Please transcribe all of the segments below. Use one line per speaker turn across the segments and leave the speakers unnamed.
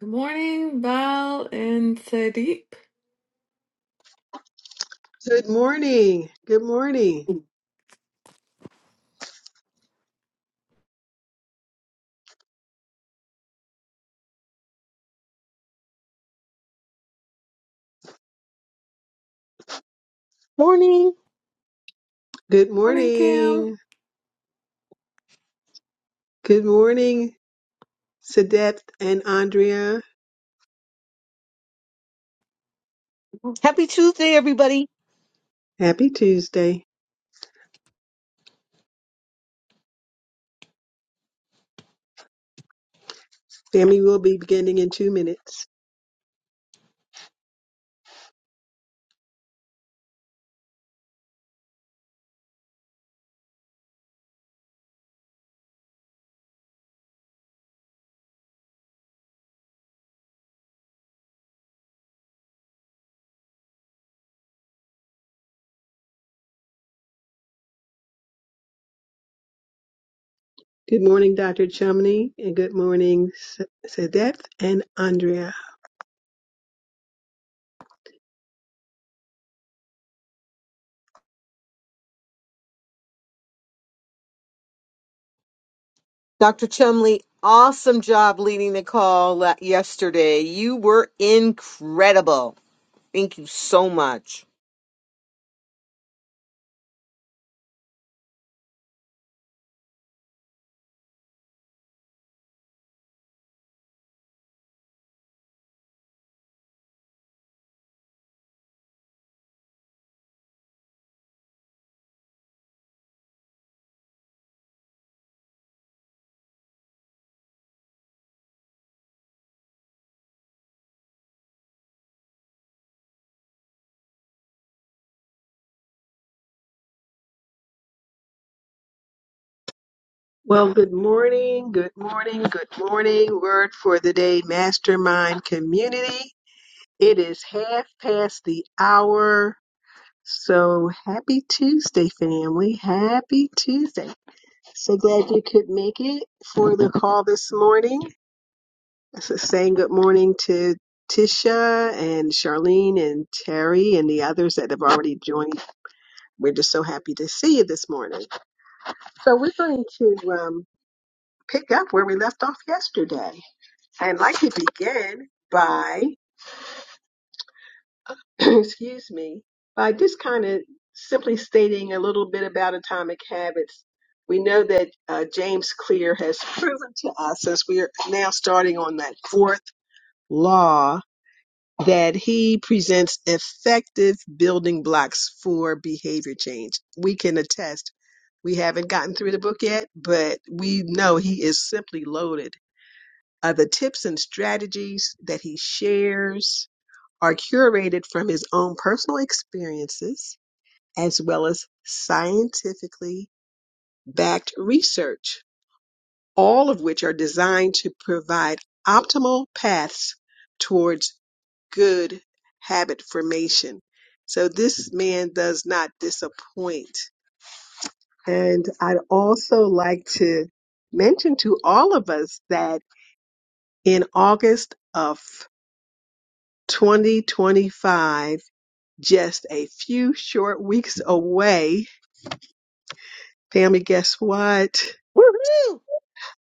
Good morning, Val and Sadiq.
Good morning. Good morning.
Morning.
Good
Morning, Kim.
morning. Good morning, Sadeth and Andrea.
Happy Tuesday, everybody.
Happy Tuesday. Family will be beginning in two minutes. Good morning, Dr. Chumney, and good morning, S- Sadeth and Andrea.
Dr. Chumley, awesome job leading the call la- yesterday. You were incredible. Thank you so much.
Well, good morning. Good morning. Good morning. Word for the day, Mastermind Community. It is half past the hour. So happy Tuesday, family. Happy Tuesday. So glad you could make it for the call this morning. So saying good morning to Tisha and Charlene and Terry and the others that have already joined. We're just so happy to see you this morning. So we're going to um, pick up where we left off yesterday. I'd like to begin by excuse me, by just kind of simply stating a little bit about atomic habits. We know that uh, James Clear has proven to us, as we are now starting on that fourth law, that he presents effective building blocks for behavior change. We can attest. We haven't gotten through the book yet, but we know he is simply loaded. Uh, the tips and strategies that he shares are curated from his own personal experiences as well as scientifically backed research, all of which are designed to provide optimal paths towards good habit formation. So this man does not disappoint. And I'd also like to mention to all of us that in August of 2025, just a few short weeks away. Family, guess what?
Woohoo!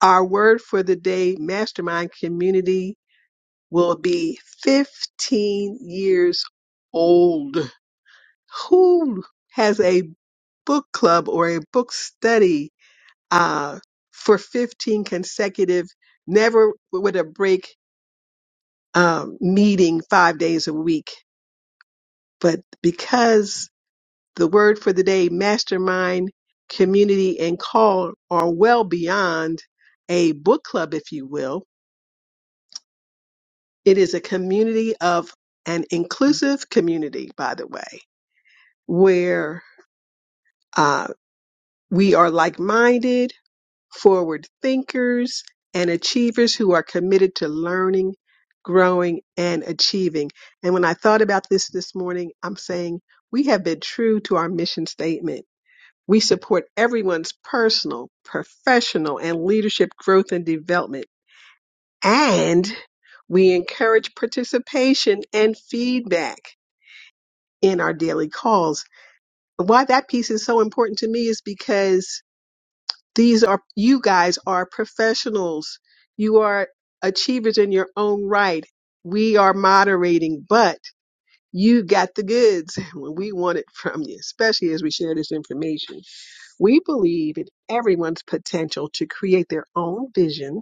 Our word for the day mastermind community will be 15 years old. Who has a book club or a book study uh, for 15 consecutive, never with a break um, meeting five days a week? But because The word for the day, mastermind, community, and call are well beyond a book club, if you will. It is a community of an inclusive community, by the way, where uh, we are like minded, forward thinkers, and achievers who are committed to learning, growing, and achieving. And when I thought about this this morning, I'm saying we have been true to our mission statement We support everyone's personal, professional, and leadership growth and development. And we encourage participation and feedback in our daily calls. Why that piece is so important to me is because these are, you guys are professionals. You are achievers in your own right. We are moderating, but You got the goods when we want it from you, especially as we share this information. We believe in everyone's potential to create their own vision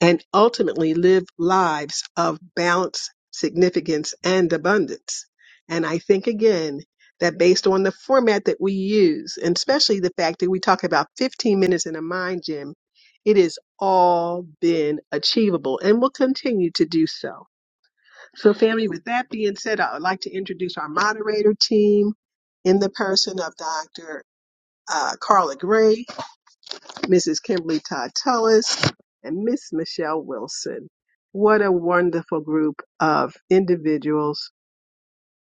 and ultimately live lives of balance, significance, and abundance. And I think again that based on the format that we use, and especially the fact that we talk about 15 minutes in a mind gym, it has all been achievable and will continue to do so. So, family, with that being said, I would like to introduce our moderator team in the person of Dr. Uh, Carla Gray, Mrs. Kimberly Todd Tullis, and Miss Michelle Wilson. What a wonderful group of individuals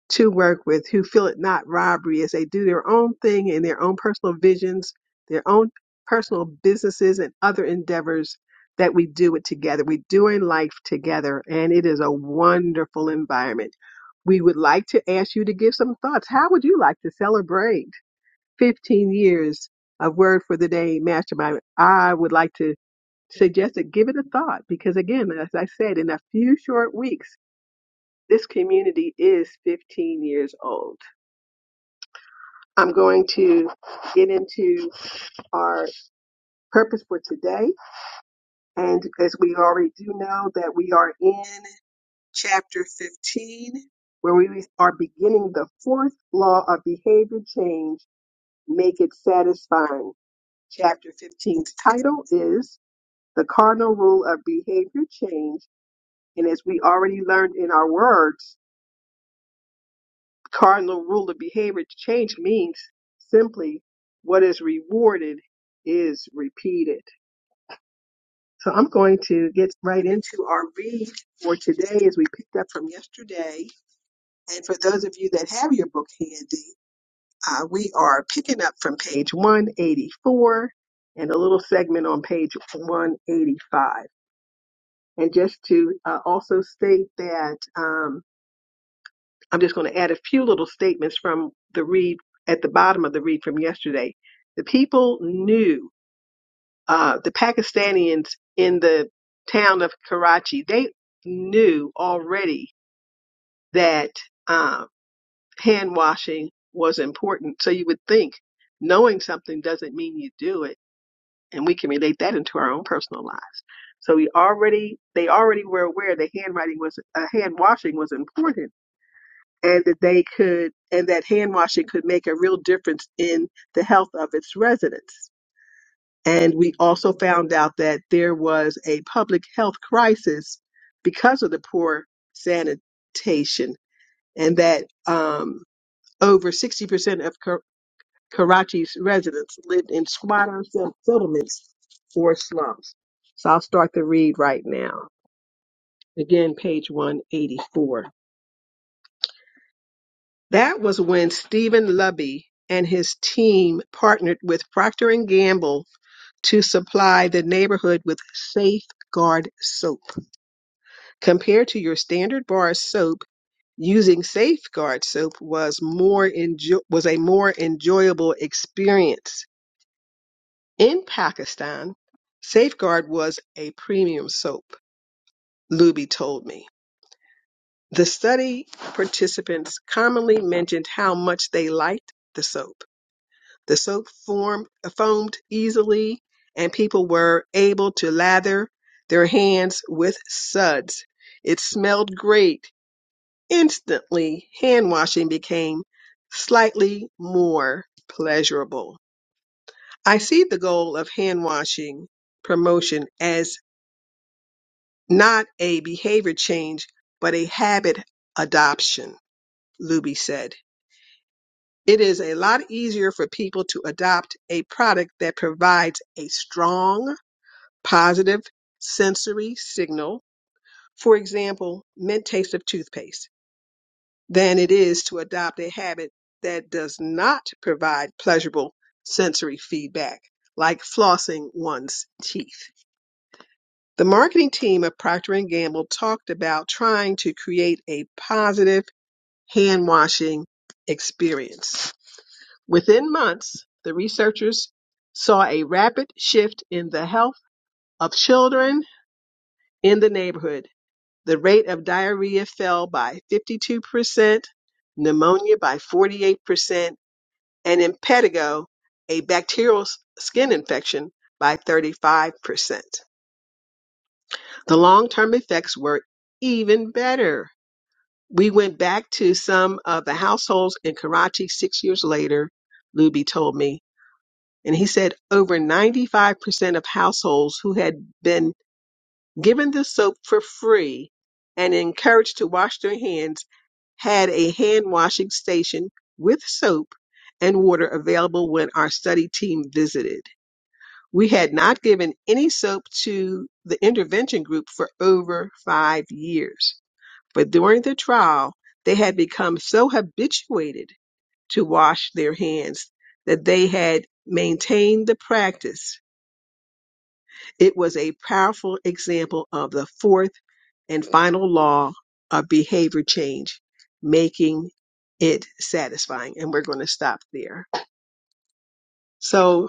to work with who feel it not robbery as they do their own thing and their own personal visions, their own personal businesses and other endeavors that we do it together. We're doing life together and it is a wonderful environment. We would like to ask you to give some thoughts. How would you like to celebrate 15 years of Word for the Day Mastermind? I would like to suggest that give it a thought because again, as I said, in a few short weeks, this community is 15 years old. I'm going to get into our purpose for today. And as we already do know, that we are in chapter 15, where we are beginning the fourth law of behavior change make it satisfying. Chapter 15's title is The Cardinal Rule of Behavior Change. And as we already learned in our words, cardinal rule of behavior change means simply what is rewarded is repeated. So I'm going to get right into our read for today as we picked up from yesterday. And for those of you that have your book handy, uh, we are picking up from page 184 and a little segment on page 185. And just to uh, also state that um, I'm just going to add a few little statements from the read at the bottom of the read from yesterday. The people knew uh, the Pakistanians in the town of Karachi, they knew already that uh, hand washing was important. So you would think knowing something doesn't mean you do it. And we can relate that into our own personal lives. So we already, they already were aware that handwriting was, uh, hand washing was important and that they could, and that hand washing could make a real difference in the health of its residents. And we also found out that there was a public health crisis because of the poor sanitation, and that um, over 60% of Kar- Karachi's residents lived in squatter sett- settlements or slums. So I'll start the read right now. Again, page 184. That was when Stephen Lubby and his team partnered with Procter& and Gamble to supply the neighborhood with Safeguard soap. compared to your standard bar soap using safeguard soap was more enjo- was a more enjoyable experience in pakistan safeguard was a premium soap luby told me the study participants commonly mentioned how much they liked the soap the soap formed, foamed easily and people were able to lather their hands with suds it smelled great Instantly, hand washing became slightly more pleasurable. I see the goal of hand washing promotion as not a behavior change, but a habit adoption, Luby said. It is a lot easier for people to adopt a product that provides a strong, positive sensory signal. For example, mint taste of toothpaste than it is to adopt a habit that does not provide pleasurable sensory feedback, like flossing one's teeth. The marketing team of Procter& Gamble talked about trying to create a positive hand washing experience. Within months, the researchers saw a rapid shift in the health of children in the neighborhood. The rate of diarrhea fell by 52%, pneumonia by 48%, and in Pedigo, a bacterial s- skin infection by 35%. The long term effects were even better. We went back to some of the households in Karachi six years later, Luby told me, and he said over 95% of households who had been given the soap for free and encouraged to wash their hands had a hand washing station with soap and water available when our study team visited. We had not given any soap to the intervention group for over five years. But during the trial, they had become so habituated to wash their hands that they had maintained the practice. It was a powerful example of the fourth and final law of behavior change, making it satisfying. And we're going to stop there. So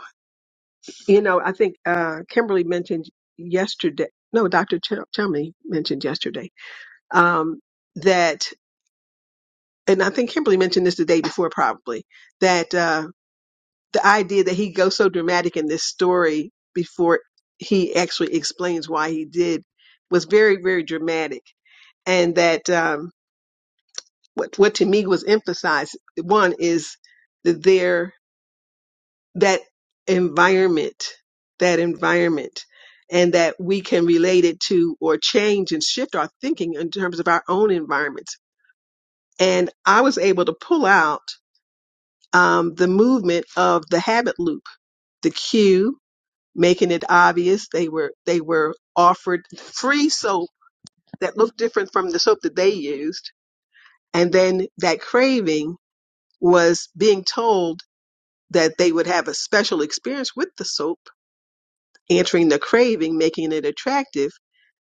You know, I think uh, Kimberly mentioned yesterday. No, Dr. Ch- Chumley mentioned yesterday um, that, and I think Kimberly mentioned this the day before, probably that uh, the idea that he goes so dramatic in this story before he actually explains why he did was very, very dramatic, and that um, what what to me was emphasized. One is that there. that environment, that environment, and that we can relate it to or change and shift our thinking in terms of our own environments. And I was able to pull out um, the movement of the habit loop, the cue, making it obvious. They were they were offered free soap that looked different from the soap that they used, and then that craving was being told that they would have a special experience with the soap answering the craving, making it attractive,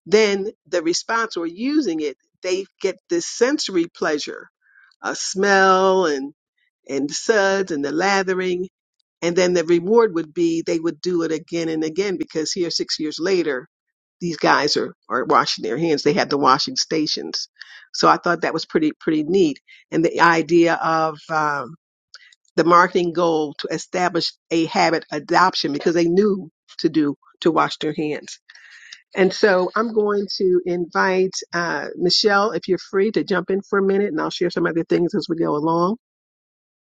then the response or using it, they get this sensory pleasure, a smell and and suds and the lathering, and then the reward would be they would do it again and again because here six years later, these guys are are washing their hands. They had the washing stations, so I thought that was pretty pretty neat. And the idea of um, the marketing goal to establish a habit adoption because they knew to do to wash their hands. And so I'm going to invite uh, Michelle, if you're free, to jump in for a minute, and I'll share some other things as we go along.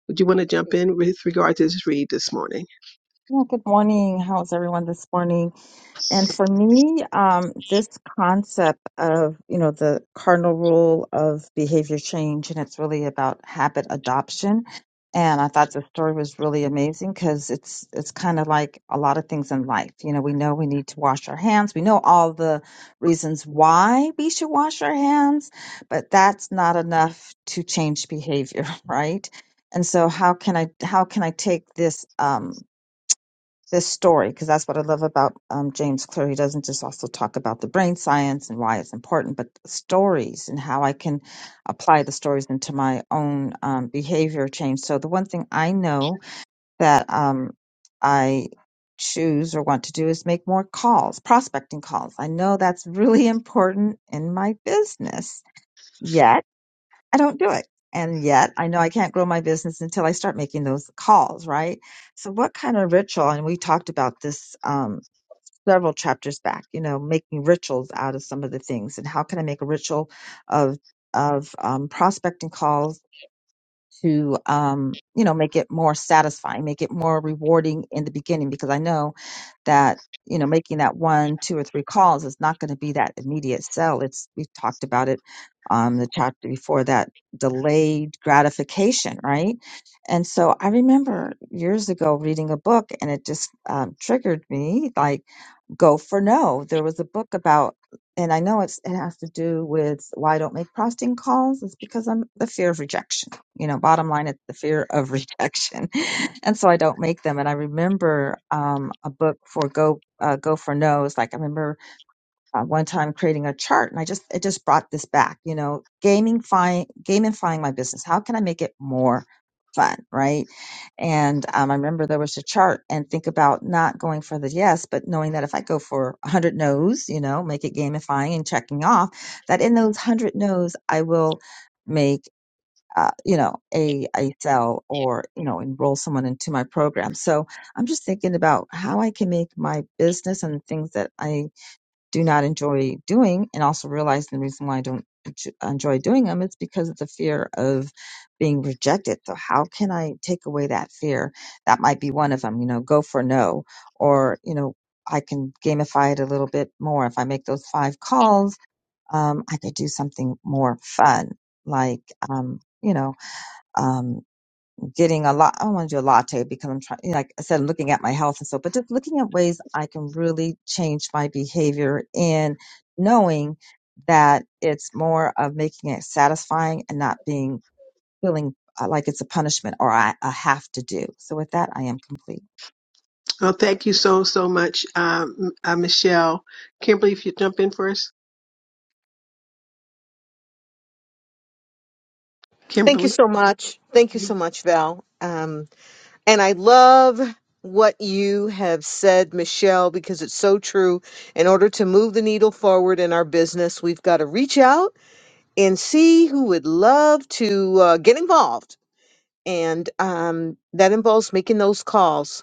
Would you want to jump in with regard to this read this morning?
Yeah, good morning. How's everyone this morning? And for me, um, this concept of, you know, the cardinal rule of behavior change, and it's really about habit adoption. And I thought the story was really amazing because it's it's kind of like a lot of things in life. You know, we know we need to wash our hands. We know all the reasons why we should wash our hands, but that's not enough to change behavior, right? And so how can I how can I take this um, this story because that's what I love about um, James Clear. He doesn't just also talk about the brain science and why it's important, but stories and how I can apply the stories into my own um, behavior change. So the one thing I know that um, I choose or want to do is make more calls, prospecting calls. I know that's really important in my business. Yet I don't do it. And yet I know I can't grow my business until I start making those calls, right? So what kind of ritual? And we talked about this um, several chapters back, you know, making rituals out of some of the things and how can I make a ritual of of um, prospecting calls to um, you know make it more satisfying make it more rewarding in the beginning because i know that you know making that one two or three calls is not going to be that immediate sell it's we talked about it on the chapter before that delayed gratification right and so i remember years ago reading a book and it just um, triggered me like Go for No. There was a book about, and I know it's, it has to do with why I don't make prosting calls. It's because I'm the fear of rejection. You know, bottom line, it's the fear of rejection. and so I don't make them. And I remember um, a book for Go, uh, Go for No. It's like, I remember uh, one time creating a chart and I just it just brought this back, you know, gamifying gamifying my business. How can I make it more fun, right? And um, I remember there was a chart and think about not going for the yes, but knowing that if I go for 100 no's, you know, make it gamifying and checking off that in those 100 no's I will make uh, you know, a a sell or you know enroll someone into my program. So I'm just thinking about how I can make my business and the things that I do not enjoy doing and also realize the reason why I don't enj- enjoy doing them it's because of the fear of being rejected so how can I take away that fear that might be one of them you know go for no or you know I can gamify it a little bit more if I make those five calls um, I could do something more fun like um, you know um, getting a lot. I want to do a latte because I'm trying, like I said, I'm looking at my health and so, but just looking at ways I can really change my behavior and knowing that it's more of making it satisfying and not being feeling uh, like it's a punishment or I, I have to do. So with that, I am complete.
Well, thank you so so much, um, uh, Michelle. Kimberly, if you jump in for us,
Thank
Kimberly.
you so much. Thank you
Mm-hmm.
so much, Val. Um, and I love what you have said, Michelle, because it's so true. In order to move the needle forward in our business, we've got to reach out and see who would love to uh, get involved. And um, that involves making those calls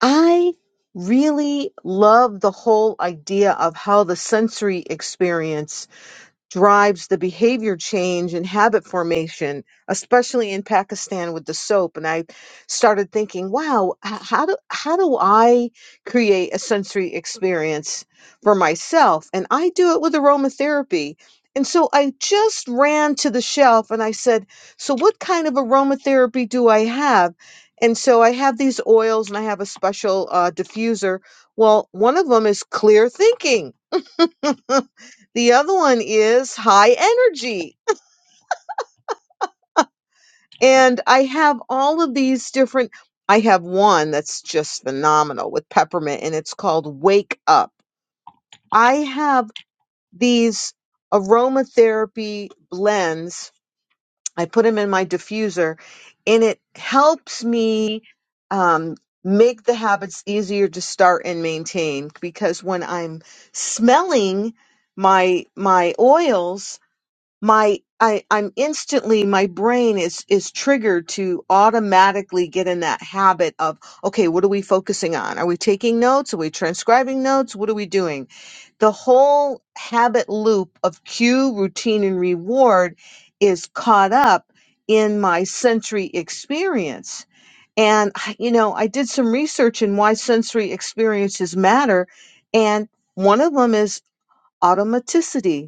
I really love the whole idea of how the sensory experience drives the behavior change and habit formation, especially in Pakistan with the soap. And I started thinking, wow, h- how do how do I create a sensory experience for myself? And I do it with aromatherapy. And so I just ran to the shelf and I said, so what kind of aromatherapy do I have? And so I have these oils and I have a special uh, diffuser. Well, one of them is clear thinking. The other one is high energy. And I have all of these different, I have one that's just phenomenal with peppermint and it's called Wake Up. I have these aromatherapy blends. I put them in my diffuser and it helps me um, make the habits easier to start and maintain because when I'm smelling my my oils my I, I'm instantly my brain is is triggered to automatically get in that habit of okay, what are we focusing on? Are we taking notes? Are we transcribing notes? What are we doing? The whole habit loop of cue, routine, and reward is caught up in my sensory experience. And I- you know, I did some research in why sensory experiences matter, and one of them is automaticity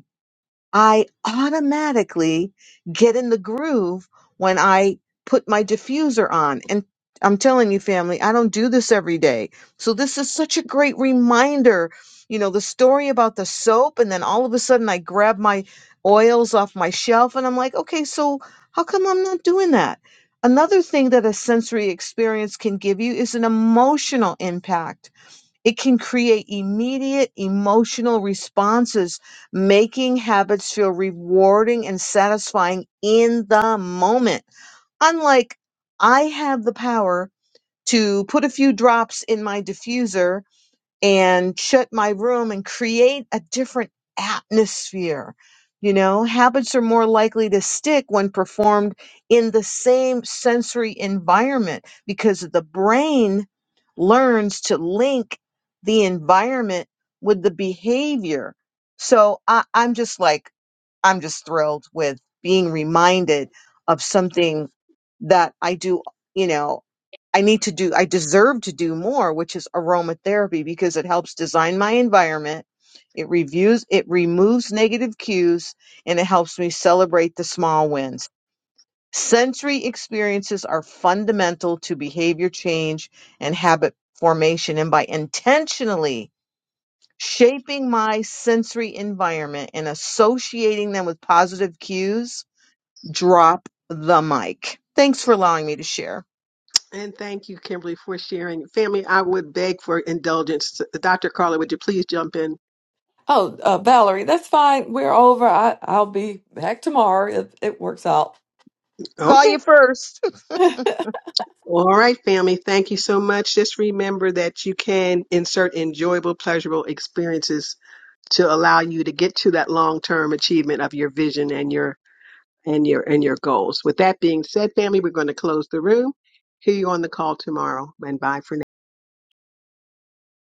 I automatically get in the groove when I put my diffuser on. And I'm telling you, family, I don't do this every day. So this is such a great reminder. You know, the story about the soap, and then all of a sudden I grab my oils off my shelf and I'm like, okay, so how come I'm not doing that? Another thing that a sensory experience can give you is an emotional impact it can create immediate emotional responses, making habits feel rewarding and satisfying in the moment. Unlike I have the power to put a few drops in my diffuser and shut my room and create a different atmosphere. You know, habits are more likely to stick when performed in the same sensory environment because the brain learns to link the environment with the behavior. So I, I'm just like, I'm just thrilled with being reminded of something that I do, you know, I need to do, I deserve to do more, which is aromatherapy because it helps design my environment. It reviews, it removes negative cues and it helps me celebrate the small wins. Sensory experiences are fundamental to behavior change and habit formation. And by intentionally Shaping my sensory environment and associating them with positive cues. Drop the mic. Thanks for allowing me to share.
And thank you, Kimberly, for sharing. Family, I would beg for indulgence. Dr. Carla, would you please jump in?
Oh, uh, Valerie, that's fine. We're over. I, I'll be back tomorrow if it works out.
Call you
Okay.
first.
All right, family. Thank you so much. Just remember that you can insert enjoyable, pleasurable experiences to allow you to get to that long term achievement of your vision and your and your and your goals. With that being said, family, we're going to close the room. Hear you on the call tomorrow and bye for now.